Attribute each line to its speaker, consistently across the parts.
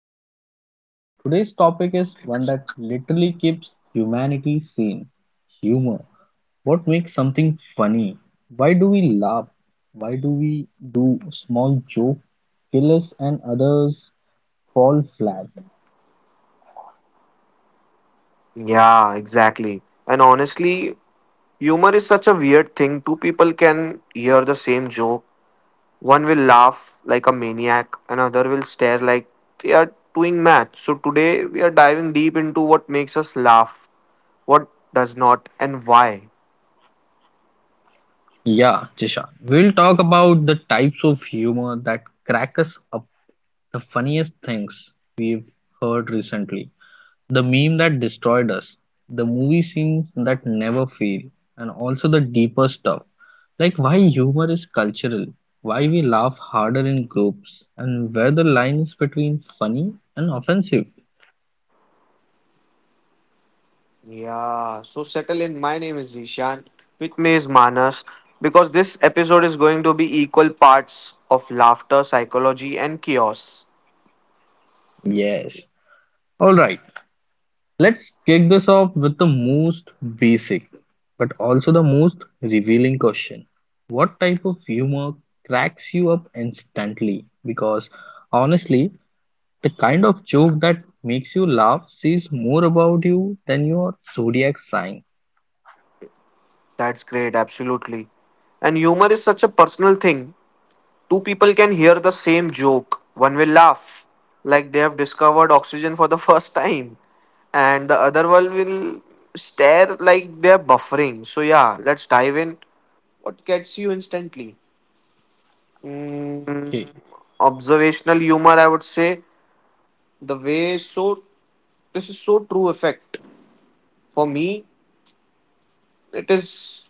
Speaker 1: our podcast. Today's topic is one that literally keeps humanity sane humor. What makes something funny? Why do we laugh? Why do we do small joke killers and others fall flat?
Speaker 2: Yeah, exactly. And honestly, humor is such a weird thing. Two people can hear the same joke. One will laugh like a maniac, another will stare like they are doing math. So today we are diving deep into what makes us laugh, what does not, and why.
Speaker 1: Yeah, Jisha. We'll talk about the types of humor that crack us up, the funniest things we've heard recently, the meme that destroyed us, the movie scenes that never fail, and also the deeper stuff like why humor is cultural, why we laugh harder in groups, and where the line is between funny and offensive.
Speaker 2: Yeah, so settle in. My name is Zishan. With me is Manas. Because this episode is going to be equal parts of laughter, psychology, and chaos.
Speaker 1: Yes. Alright, let's kick this off with the most basic but also the most revealing question. What type of humor cracks you up instantly? Because honestly, the kind of joke that makes you laugh says more about you than your zodiac sign.
Speaker 2: That's great, absolutely. And humor is such a personal thing. Two people can hear the same joke. One will laugh, like they have discovered oxygen for the first time, and the other one will stare like they are buffering. So, yeah, let's dive in. What gets you instantly? Mm,
Speaker 1: Okay.
Speaker 2: Observational humor, I would say. The way so, this is so true effect. For me, it is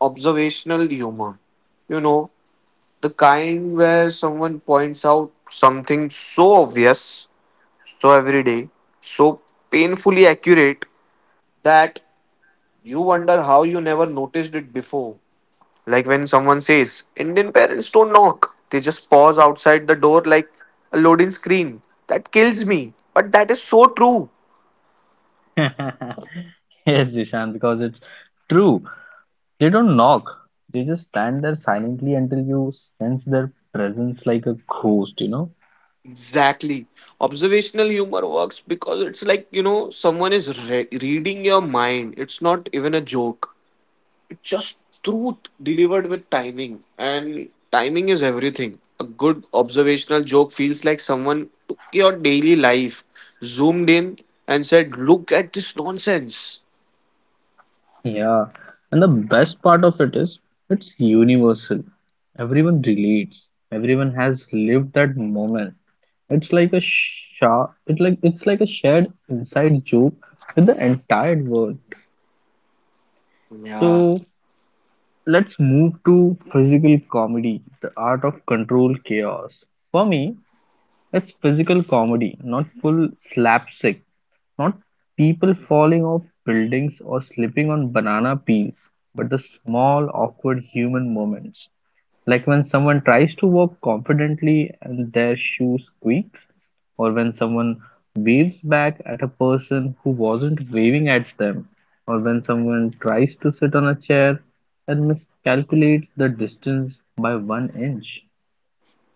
Speaker 2: observational humor. You know, the kind where someone points out something so obvious, so everyday, so painfully accurate that you wonder how you never noticed it before. Like when someone says, Indian parents don't knock, they just pause outside the door like a loading screen. That kills me, but that is so true.
Speaker 1: Yes, Jishan, because it's true. They don't knock. They just stand there silently until you sense their presence like a ghost, you know?
Speaker 2: Exactly. Observational humor works because it's like, you know, someone is reading your mind. It's not even a joke. Just truth delivered with timing, and timing is everything. A good observational joke feels like someone took your daily life, zoomed in, and said, look at this nonsense.
Speaker 1: Yeah. And the best part of it is it's universal. Everyone relates. Everyone has lived that moment. It's like a sha it's like a shared inside joke with the entire world.
Speaker 2: Yeah,
Speaker 1: So let's move to physical comedy, the art of control chaos. For me, it's physical comedy, not full slapstick, not people falling off buildings or slipping on banana peels, but the small awkward human moments. Like when someone tries to walk confidently and their shoe squeaks, or when someone waves back at a person who wasn't waving at them, or when someone tries to sit on a chair and miscalculates the distance by one inch.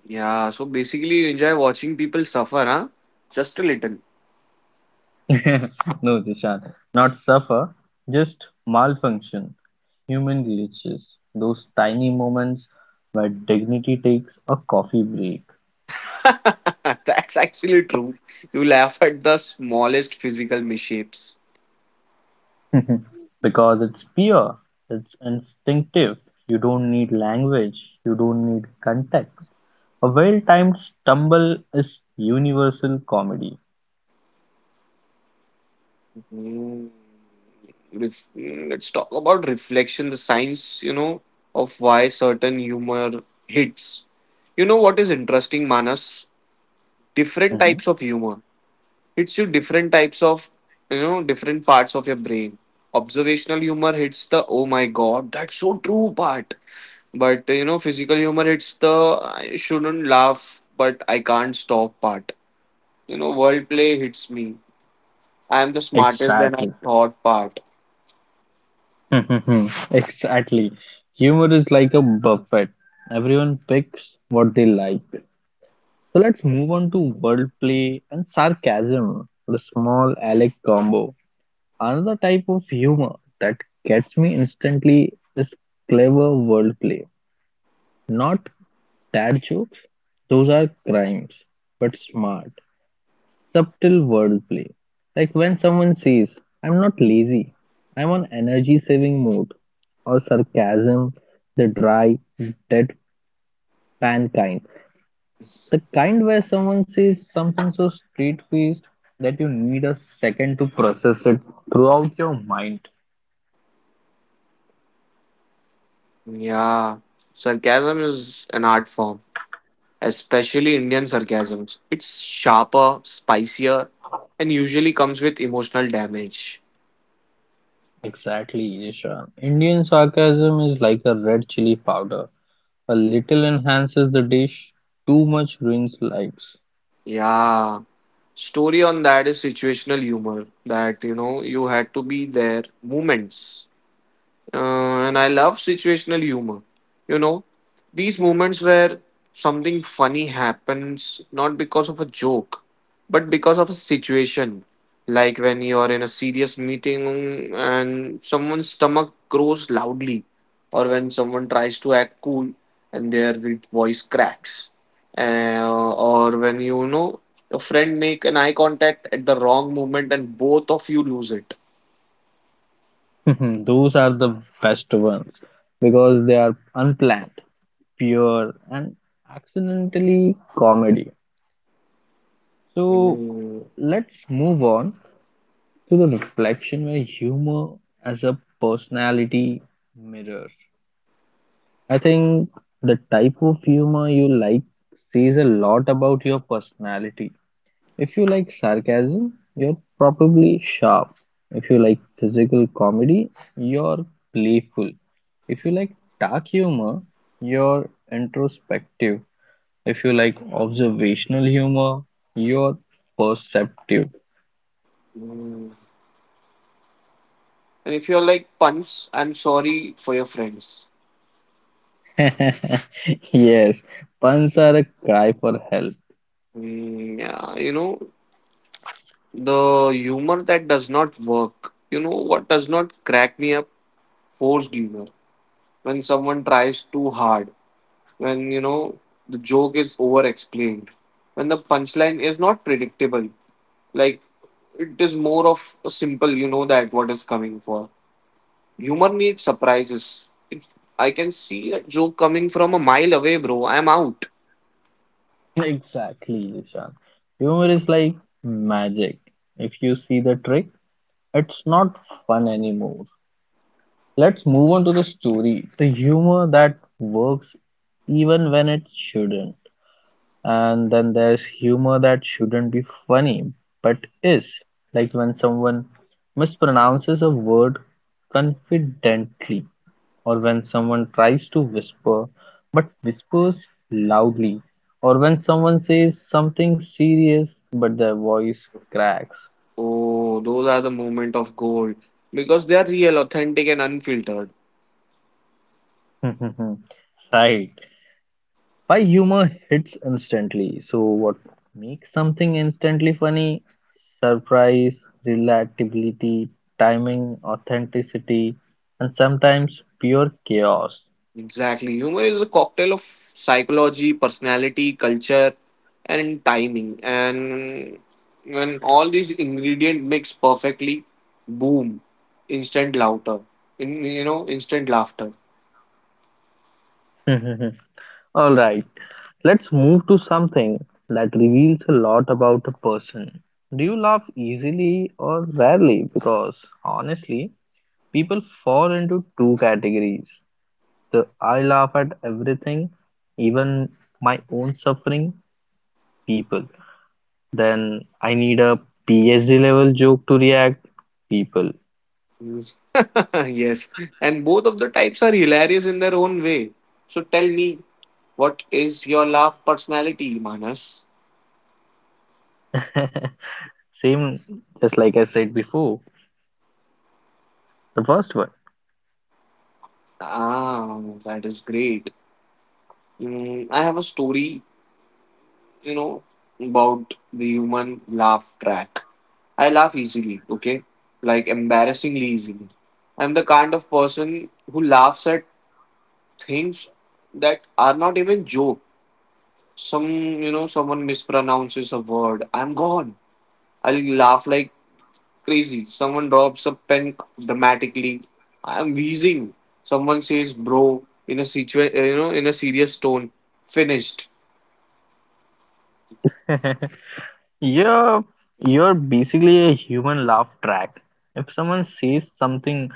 Speaker 2: yeah. So basically, you enjoy watching people suffer, huh? Just a little.
Speaker 1: No, Tishan, not suffer, just malfunction, human glitches, those tiny moments where dignity takes a coffee break.
Speaker 2: That's actually true. You laugh at the smallest physical misshapes.
Speaker 1: Because it's pure, it's instinctive, you don't need language, you don't need context. A well timed stumble is universal comedy.
Speaker 2: Let's talk about reflection, the science, you know, of why certain humor hits. You know what is interesting, Manas? Different
Speaker 1: Mhm.
Speaker 2: types of humor hits you different types of, you know, different parts of your brain. Observational humor hits the oh my god, that's so true part. But you know, physical humor hits the I shouldn't laugh, but I can't stop part. You know, wordplay hits me. I am the smartest than I
Speaker 1: Exactly.
Speaker 2: thought part.
Speaker 1: Exactly. Humor is like a buffet. Everyone picks what they like. So let's move on to wordplay and sarcasm, the small Alec combo. Another type of humor that gets me instantly is clever wordplay. Not dad jokes, those are crimes, but smart, subtle wordplay. Like when someone says, I'm not lazy, I'm on energy saving mode, or sarcasm, the dry, deadpan kind. The kind where someone says something so straight faced that you need a second to process it throughout your mind.
Speaker 2: Yeah, sarcasm is an art form, especially Indian sarcasms. It's sharper, spicier, and usually comes with emotional damage.
Speaker 1: Exactly, Ishan. Indian sarcasm is like a red chili powder. A little enhances the dish, too much ruins lives.
Speaker 2: Yeah, story on that is situational humor that you know you had to be there moments. And I love situational humor. You know, these moments where something funny happens not because of a joke, but because of a situation. Like when you're in a serious meeting and someone's stomach grows loudly, or when someone tries to act cool and their voice cracks, Uh, or when you know your friend make an eye contact at the wrong moment and both of you lose it.
Speaker 1: Those are the best ones because they are unplanned, pure, and accidentally comedy. So
Speaker 2: Mm,
Speaker 1: let's move on to the reflection where humor as a personality mirror. I think the type of humor you like says a lot about your personality. If you like sarcasm, you're probably sharp. If you like physical comedy, you're playful. If you like dark humor, you're introspective. If you like observational humor, you're perceptive.
Speaker 2: mm. And if you're like Punch, I'm sorry for your friends.
Speaker 1: Yes, puns are a cry for help.
Speaker 2: Mm, yeah, you know, the humor that does not work. You know what does not crack me up? Forced humor. When someone tries too hard. When, you know, the joke is over explained. When the punchline is not predictable. Like, it is more of a simple, you know, that what is coming for. Humor needs surprises. I can see a joke coming from a mile away, bro. I'm out.
Speaker 1: Exactly, Ishan. Humor is like magic. If you see the trick, it's not fun anymore. Let's move on to the story. The humor that works even when it shouldn't. And then there's humor that shouldn't be funny but is. Like when someone mispronounces a word confidently, or when someone tries to whisper but whispers loudly, or when someone says something serious but their voice cracks.
Speaker 2: Oh, those are the moment of gold because they are real, authentic, and unfiltered.
Speaker 1: Right. Why humor hits instantly. So, what makes something instantly funny? Surprise, relatability, timing, authenticity, and sometimes pure chaos.
Speaker 2: Exactly. Humor is a cocktail of psychology, personality, culture, and timing. And when all these ingredients mix perfectly, boom, instant laughter. In you know, instant laughter.
Speaker 1: All right, let's move to something that reveals a lot about a person. Do you laugh easily or rarely? Because honestly, people fall into two categories. The I laugh at everything, even my own suffering, people. Then I need a PhD level joke to react people.
Speaker 2: Yes, yes, and both of the types are hilarious in their own way. So tell me, what is your laugh personality, Manas?
Speaker 1: Same, just like I said before, the first one.
Speaker 2: Ah, that is great. I have a story, you know, about the human laugh track. I laugh easily, okay? Like embarrassingly easily. I'm the kind of person who laughs at things that are not even joke. You know, someone mispronounces a word. I'm gone. I'll laugh like crazy. Someone drops a pen dramatically. I'm wheezing. Someone says, bro, in a you know, in a serious tone. Finished.
Speaker 1: You're you're basically a human laugh track. If someone says something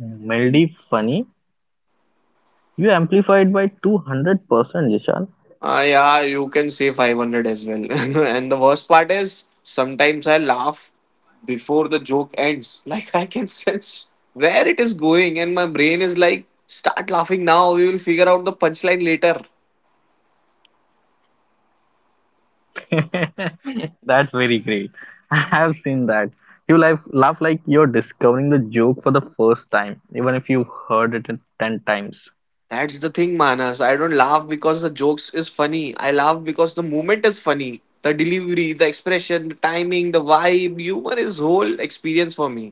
Speaker 1: mildly funny, you amplify it by 200%, Jishan.
Speaker 2: Yeah, you can say 500 as well. And the worst part is sometimes I laugh before the joke ends. Like I can sense where it is going, and my brain is like, start laughing now. We will figure out the punchline later.
Speaker 1: That's very great. I have seen that. You laugh like you're discovering the joke for the first time, even if you've heard it 10 times.
Speaker 2: That's the thing, Manas. I don't laugh because the jokes is funny. I laugh because the moment is funny. The delivery, the expression, the timing, the vibe, humor is whole experience for me.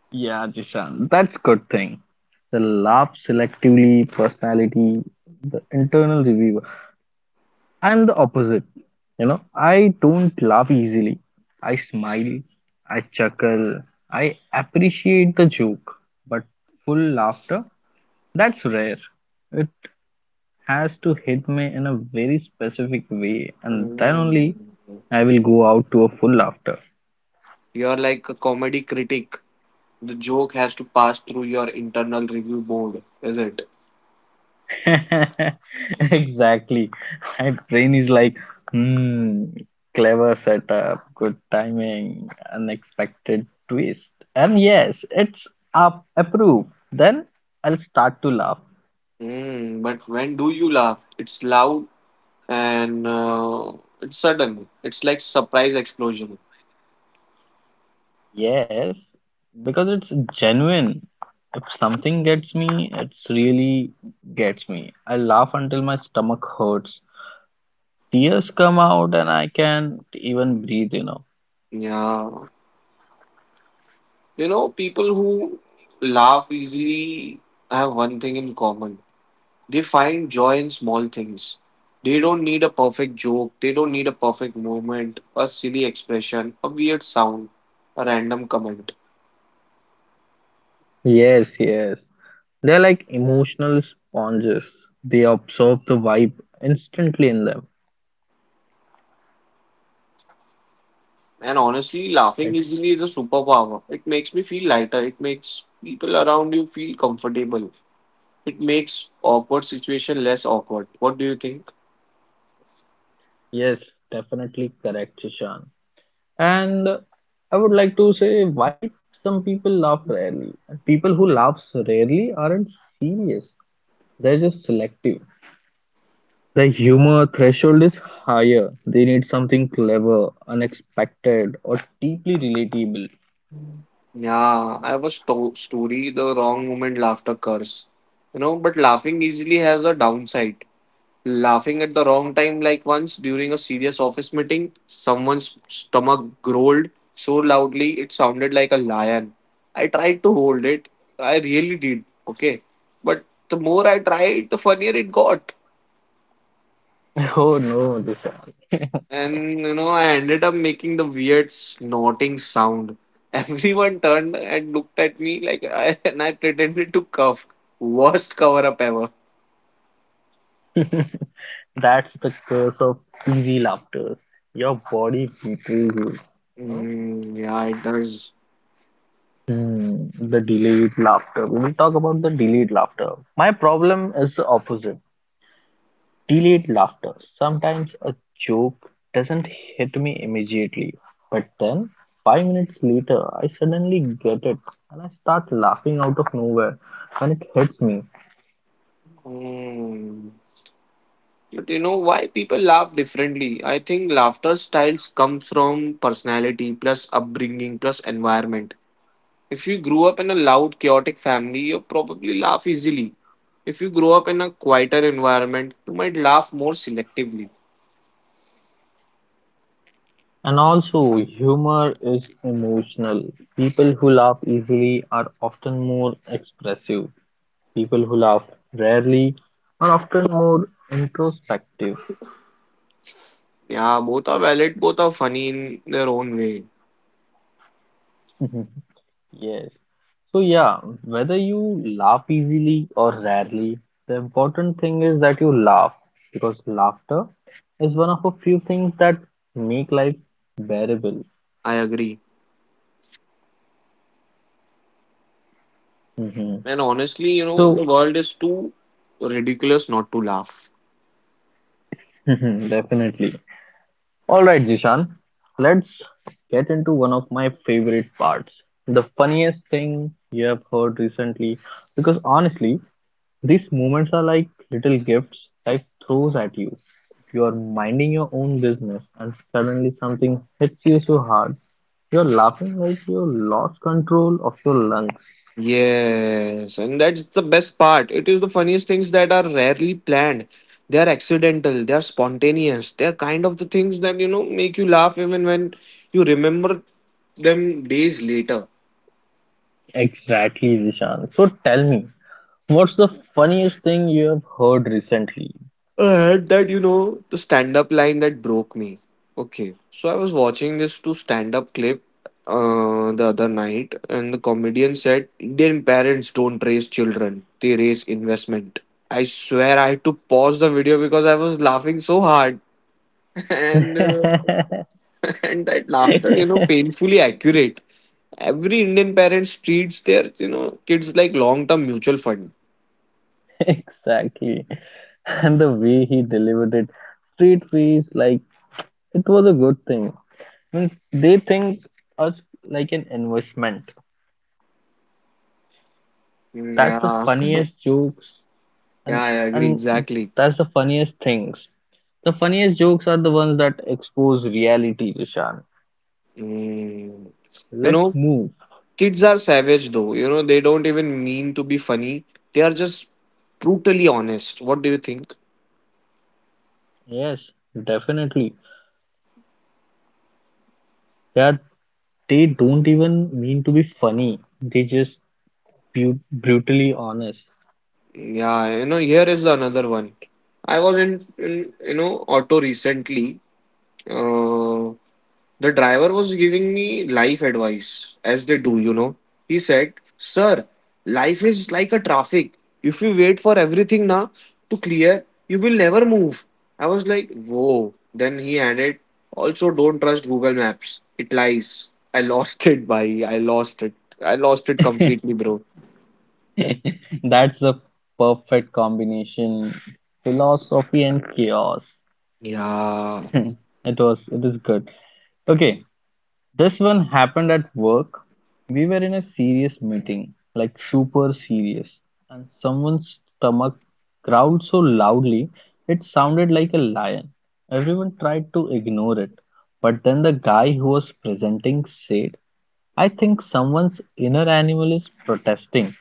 Speaker 1: Yeah, Jishan, that's good thing. The laugh selectively, personality, the internal reviewer. I'm the opposite. You know, I don't laugh easily. I smile, I chuckle, I appreciate the joke, but full laughter, that's rare. It has to hit me in a very specific way, and then only
Speaker 2: Mm.
Speaker 1: I will go out to a full laughter.
Speaker 2: You're like a comedy critic. The joke has to pass through your internal review board, is it?
Speaker 1: Exactly. My brain is like, hmm, clever setup, good timing, unexpected twist. And yes, it's up approved. Then I'll start to laugh.
Speaker 2: Mm, but when do you laugh? It's loud and it's sudden. It's like surprise explosion.
Speaker 1: Yes, because it's genuine. If something gets me, it's really gets me. I laugh until my stomach hurts. Tears come out and I can't even breathe, you know.
Speaker 2: Yeah. You know, people who laugh easily have one thing in common. They find joy in small things. They don't need a perfect joke. They don't need a perfect moment, a silly expression, a weird sound, a random comment.
Speaker 1: Yes, yes. They're like emotional sponges. They absorb the vibe instantly in them.
Speaker 2: And honestly, laughing
Speaker 1: It's
Speaker 2: easily is a superpower. It makes me feel lighter. It makes people around you feel comfortable. It makes awkward situation less awkward. What do you think?
Speaker 1: yes, definitely correct, Ishan. And I would like to say why some people laugh rarely. And people who laugh rarely aren't serious. They're just selective. The humor threshold is higher. They need something clever, unexpected, or deeply relatable.
Speaker 2: Yeah, I have a story, the wrong moment laughter curse. You know, but laughing easily has a downside. Laughing at the wrong time, like once during a serious office meeting, someone's stomach growled so loudly it sounded like a lion. I tried to hold it, I really did, okay? But the more I tried, the funnier it got.
Speaker 1: Oh no, Dishant.
Speaker 2: And you know, I ended up making the weird snorting sound. Everyone turned and looked at me like and I pretended to cough. Worst cover up ever.
Speaker 1: That's the curse of easy laughter. Your body betrays you. No?
Speaker 2: Mm, yeah, it does.
Speaker 1: Hmm, the delayed laughter. We will talk about the delayed laughter. My problem is the opposite. Delayed laughter. Sometimes a joke doesn't hit me immediately, but then 5 minutes later, I suddenly get it and I start laughing out of nowhere when it hits me.
Speaker 2: Mm. But you know why people laugh differently? I think laughter styles come from personality plus upbringing plus environment. If you grew up in a loud, chaotic family, you probably laugh easily. If you grow up in a quieter environment, you might laugh more selectively.
Speaker 1: And also, humor is emotional. People who laugh easily are often more expressive. People who laugh rarely are often more introspective.
Speaker 2: Yeah, both are valid, both are funny in their own way.
Speaker 1: Yes. So, yeah, whether you laugh easily or rarely, the important thing is that you laugh because laughter is one of a few things that make life bearable.
Speaker 2: I agree.
Speaker 1: Mhm.
Speaker 2: And honestly, you know,
Speaker 1: So,
Speaker 2: the world is too ridiculous not to laugh.
Speaker 1: definitely. Alright, Jishan, let's get into one of my favorite parts the funniest thing you have heard recently. Because honestly, these moments are like little gifts life throws at you. You are minding your own business, and suddenly something hits you so hard. You're laughing like you lost control of your lungs.
Speaker 2: Yes, and that's the best part. It is the funniest things that are rarely planned. They are accidental, they are spontaneous. They are kind of the things that, you know, make you laugh even when you remember them days later.
Speaker 1: Exactly, Zishan. So tell me, what's the funniest thing you have heard recently?
Speaker 2: I had that, you know, the stand up line that broke me. Okay, so I was watching this two stand up clip the other night, and the comedian said, Indian parents don't raise children, they raise investment. I swear I had to pause the video because I was laughing so hard, and, uh, and that laughter, you know, painfully accurate. Every Indian parents treats their, you know, kids like long term mutual fund.
Speaker 1: Exactly. And the way he delivered it, straight face, like it was a good thing. Means they think us like an investment.
Speaker 2: Mm,
Speaker 1: That's the
Speaker 2: yeah,
Speaker 1: funniest jokes,
Speaker 2: yeah, I agree,
Speaker 1: and
Speaker 2: exactly.
Speaker 1: that's the funniest things. The funniest jokes are the ones that expose reality, Vishan.
Speaker 2: Mm. You
Speaker 1: Let's
Speaker 2: know,
Speaker 1: move.
Speaker 2: kids are savage though. You know, they don't even mean to be funny. They are just brutally honest. What do you think?
Speaker 1: Yes, definitely. Yeah, they don't even mean to be funny. They just bu brutally honest.
Speaker 2: Yeah, you know, here is another one. I was in you know, auto recently. Uh, The driver was giving me life advice, as they do, you know. He said, sir, life is like a traffic. If you wait for everything na to clear, you will never move. I was like, whoa. Then he added, also, don't trust Google Maps. It lies. I lost it, bhai. I lost it. I lost it completely, bro.
Speaker 1: That's a perfect combination. Philosophy and chaos.
Speaker 2: Yeah.
Speaker 1: It was, it is good. Okay, this one happened at work. We were in a serious meeting, like super serious, and someone's stomach growled so loudly it sounded like a lion. Everyone tried to ignore it, but then the guy who was presenting said, I think someone's inner animal is protesting.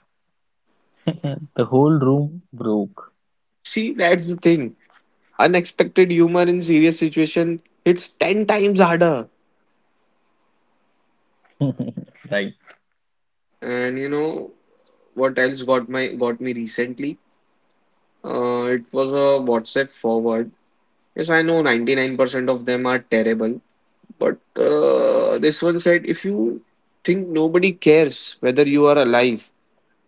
Speaker 1: The whole room broke.
Speaker 2: See, that's the thing. Unexpected humor in serious situation hits 10 times harder.
Speaker 1: Like,
Speaker 2: And you know what else got me recently? It was a WhatsApp forward. Yes, I know 99% of them are terrible, but this one said if you think nobody cares whether you are alive,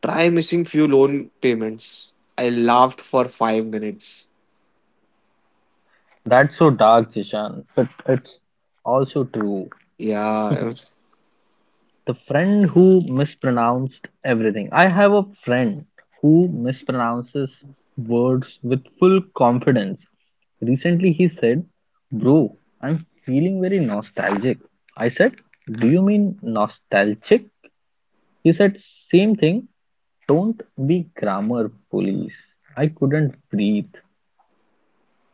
Speaker 2: try missing few loan payments. I laughed for 5 minutes.
Speaker 1: that's so dark, Jishan, but it's also true.
Speaker 2: Yeah,
Speaker 1: The friend who mispronounced everything. I have a friend who mispronounces words with full confidence. Recently, he said, Bro, I'm feeling very nostalgic. I said, Do you mean nostalgic? He said, Same thing. Don't be grammar police. I couldn't breathe,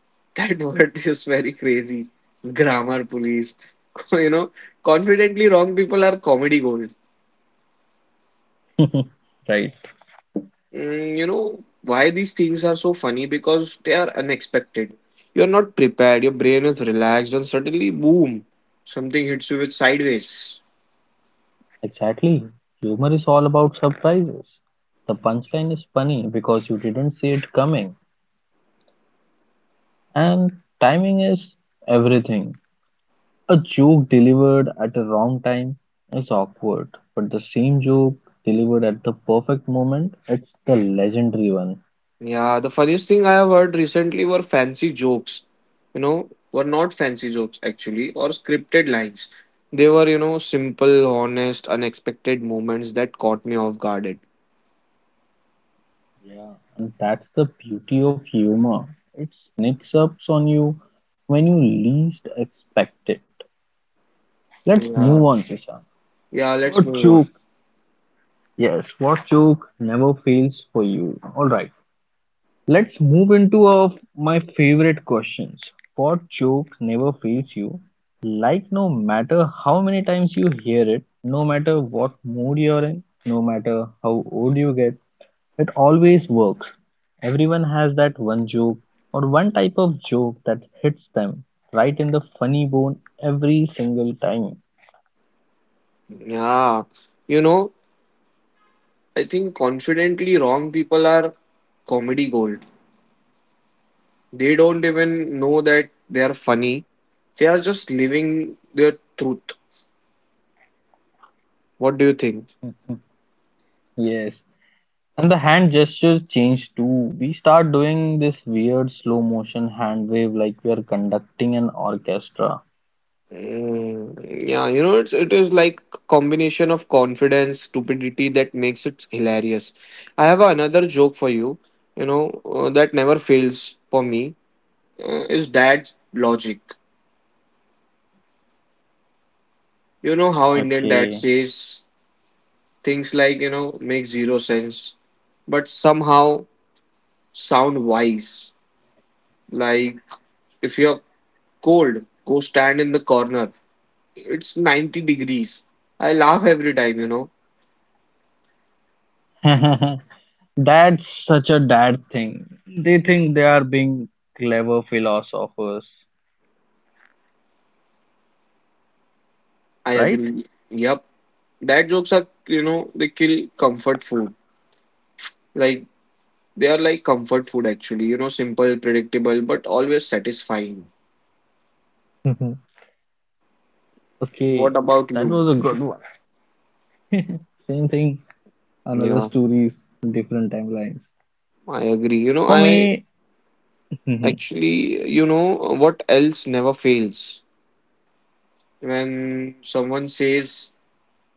Speaker 2: that word is very crazy. Grammar police. You know, confidently wrong people are comedy gold.
Speaker 1: right?
Speaker 2: You know why these things are so funny? Because they are unexpected. You're not prepared, your brain is relaxed, and suddenly, boom, something hits you with sideways.
Speaker 1: Exactly. Humor is all about surprises. The punchline is funny because you didn't see it coming, and timing is everything. A joke delivered at the wrong time is awkward, but the same joke delivered at the perfect moment, it's the legendary one.
Speaker 2: Yeah, the funniest thing I have heard recently were fancy jokes. You know, were not fancy jokes actually, or scripted lines. They were, you know, simple, honest, unexpected moments that caught me off guarded.
Speaker 1: Yeah, and that's the beauty of humor. It sneaks up on you when you least expect it. Let's move
Speaker 2: Yeah.
Speaker 1: on, Sishan.
Speaker 2: Yeah,
Speaker 1: What
Speaker 2: let's move
Speaker 1: joke
Speaker 2: on.
Speaker 1: Yes, what joke never fails for you? All right, let's move into of my favorite questions. What joke never fails you? Like no matter how many times you hear it, no matter what mood you're in, no matter how old you get, it always works. Everyone has that one joke or one type of joke that hits them right in the funny bone every single time.
Speaker 2: Yeah. You know, I think confidently wrong people are comedy gold. They don't even know that they are funny. They are just living their truth. What do you think?
Speaker 1: Yes. And the hand gesture changed too. We start doing this weird slow motion hand wave like we are conducting an orchestra.
Speaker 2: Mm, yeah, you know, it is like combination of confidence, stupidity that makes it hilarious. I have another joke for you, you know, that never fails for me. Is dad's logic. You know how Indian dad
Speaker 1: Okay.
Speaker 2: says things like, you know, make zero sense, but somehow sound wise. Like if you're cold. Go stand in the corner. It's 90 degrees. I laugh every time, you know.
Speaker 1: That's such a dad thing. They think they are being clever philosophers,
Speaker 2: I
Speaker 1: right?
Speaker 2: agree. Yep. Dad jokes are, you know, they kill comfort food. Like, they are like comfort food actually, you know, simple, predictable, but always satisfying. What
Speaker 1: Okay,
Speaker 2: about
Speaker 1: that
Speaker 2: you?
Speaker 1: was a good one. Same thing, another
Speaker 2: Yeah,
Speaker 1: stories, different timelines.
Speaker 2: I agree.
Speaker 1: For me, yeah,
Speaker 2: What else never fails? When someone says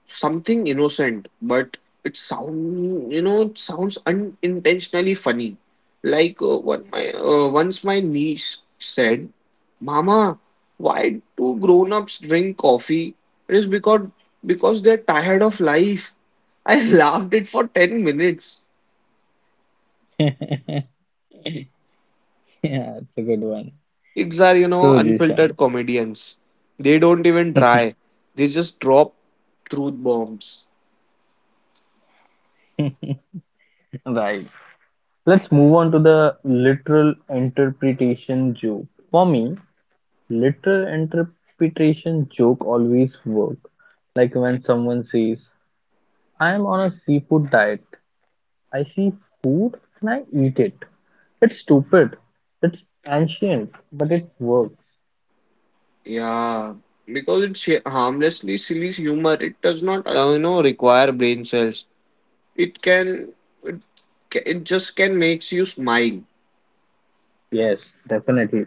Speaker 2: something innocent, but it sounds unintentionally funny. Like what my once my niece said, "Mama, why do grown-ups drink coffee? It is because they're tired of life." I laughed it for 10 minutes.
Speaker 1: it's a good one.
Speaker 2: Kids are
Speaker 1: So, Jishan,
Speaker 2: unfiltered comedians. They don't even try. They just drop truth bombs.
Speaker 1: right. Let's move on to the literal interpretation joke. For me, literal interpretation joke always work. Like when someone says, I am on a seafood diet. I see food and I eat it. It's stupid. It's ancient, but it works.
Speaker 2: Yeah, because it's harmlessly silly humor. It does not, require brain cells. It can, it, it just can makes you smile.
Speaker 1: Yes, definitely.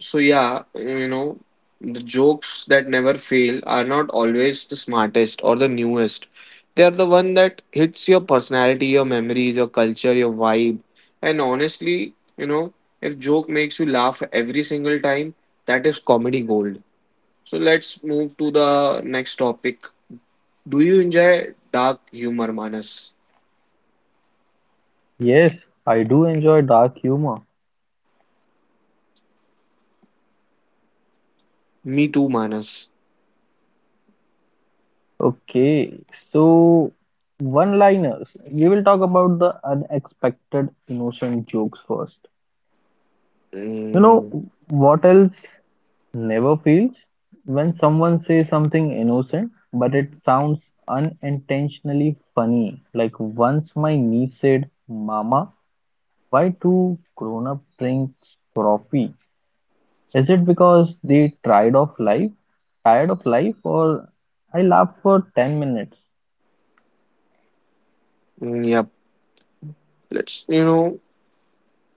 Speaker 2: So yeah, the jokes that never fail are not always the smartest or the newest. They are the one that hits your personality, your memories, your culture, your vibe. And honestly, if joke makes you laugh every single time, that is comedy gold. So let's move to the next topic. Do you enjoy dark humor, Manas?
Speaker 1: Yes, I do enjoy dark humor.
Speaker 2: Me too, Manas.
Speaker 1: Okay, so one-liners. We will talk about the unexpected innocent jokes first. You
Speaker 2: Mm,
Speaker 1: know what else never fails? When someone says something innocent, but it sounds unintentionally funny. Like once my niece said, Mama, why do grown up drinks coffee? Is it because they tried of life? Tired of life? Or I laughed for 10 minutes.
Speaker 2: mm, yep. Let's, you know,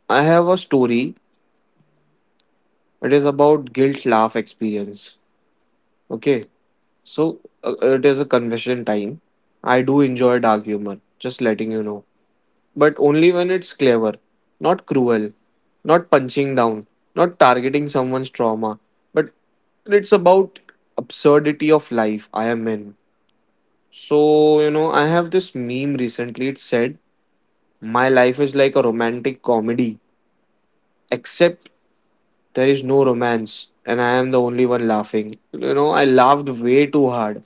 Speaker 2: I have a story. It is about guilt laugh experience. Okay. So, it is a confession time. I do enjoy dark humor, just letting you know. But only when it's clever, not cruel, not punching down, not targeting someone's trauma, but it's about absurdity of life I am in. So, I have this meme recently. It said, "My life is like a romantic comedy, except there is no romance, and I am the only one laughing." You know, I laughed way too hard.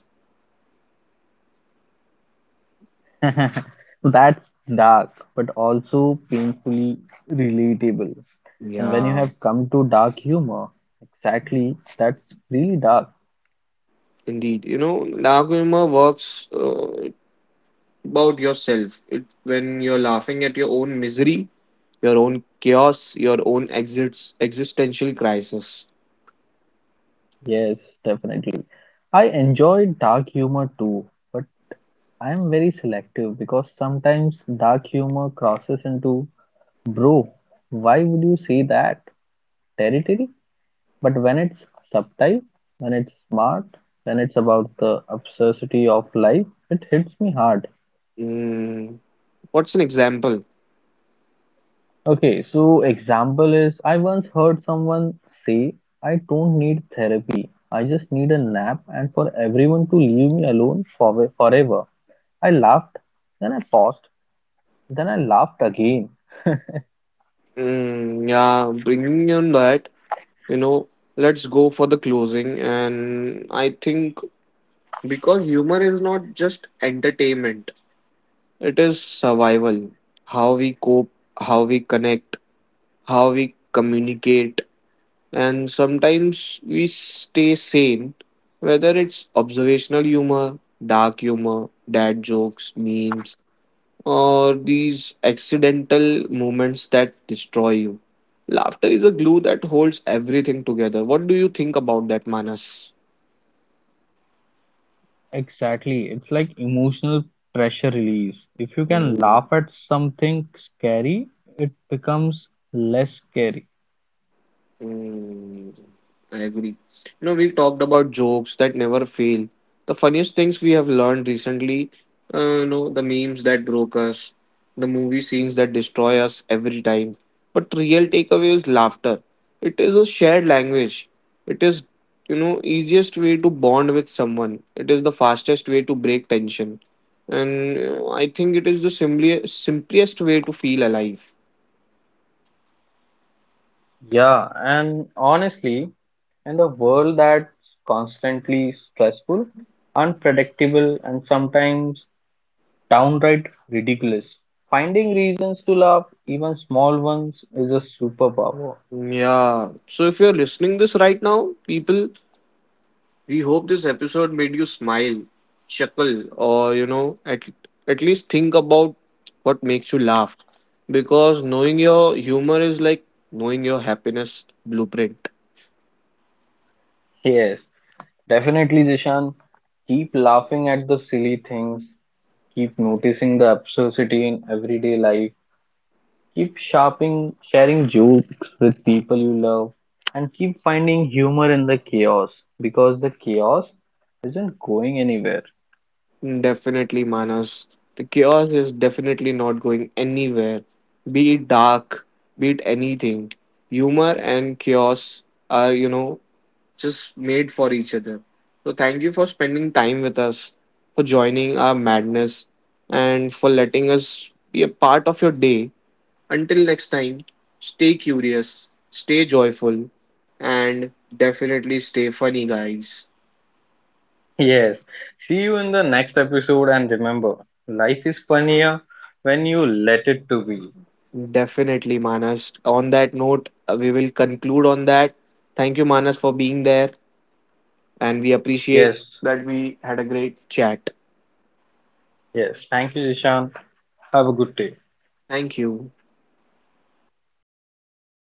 Speaker 1: That's dark, but also painfully relatable. And when you
Speaker 2: Yeah,
Speaker 1: have come to dark humor, exactly, that's really dark.
Speaker 2: indeed. You know, dark humor works about yourself. It when you're laughing at your own misery, your own chaos, your own existential crisis.
Speaker 1: Yes, definitely. I enjoy dark humor too, but I am very selective because sometimes dark humor crosses into, bro, why would you say that? Territory. But when it's subtle, when it's smart, when it's about the absurdity of life, it hits me hard.
Speaker 2: Mm, what's an example?
Speaker 1: Okay, so example is I once heard someone say, I don't need therapy. I just need a nap and for everyone to leave me alone for forever. I laughed, then I paused, then I laughed again.
Speaker 2: Mm, yeah, bringing on that. You know, let's go for the closing, and I think because humor is not just entertainment, it is survival. How we cope, how we connect, how we communicate, and sometimes we stay sane. Whether it's observational humor, dark humor, dad jokes, memes, or these accidental moments that destroy you. Laughter is a glue that holds everything together. What do you think about that, Manas?
Speaker 1: Exactly. It's like emotional pressure release. If you can laugh at something scary, it becomes less scary.
Speaker 2: Mm, I agree. You know, we talked about jokes that never fail. The funniest things we have learned recently, the memes that broke us, the movie scenes that destroy us every time. But real takeaway is laughter. It is a shared language. It is, easiest way to bond with someone. It is the fastest way to break tension, and I think it is the simply simplest way to feel alive.
Speaker 1: Yeah, and honestly, in a world that's constantly stressful, unpredictable, and sometimes downright ridiculous, finding reasons to laugh, even small ones, is a superpower.
Speaker 2: Mm, yeah. So if you're listening this right now, people, we hope this episode made you smile, chuckle, or at least think about what makes you laugh. Because knowing your humor is like knowing your happiness blueprint.
Speaker 1: Yes, definitely, Jishan. Keep laughing at the silly things, keep noticing the absurdity in everyday life, keep shopping, sharing jokes with people you love, and keep finding humor in the chaos because the chaos isn't going anywhere.
Speaker 2: Definitely, Manas. The chaos is definitely not going anywhere. Be it dark, be it anything. Humor and chaos are, just made for each other. So thank you for spending time with us, for joining our madness, and for letting us be a part of your day. Until next time, stay curious, stay joyful, and definitely stay funny, guys.
Speaker 1: Yes, see you in the next episode, and remember, life is funnier when you let it to be.
Speaker 2: Definitely, Manas. On that note, we will conclude on that. Thank you, Manas, for being there, and we appreciate
Speaker 1: Yes,
Speaker 2: that we had a great chat.
Speaker 1: yes. Thank you, Ishan. Have a good day.
Speaker 2: Thank you.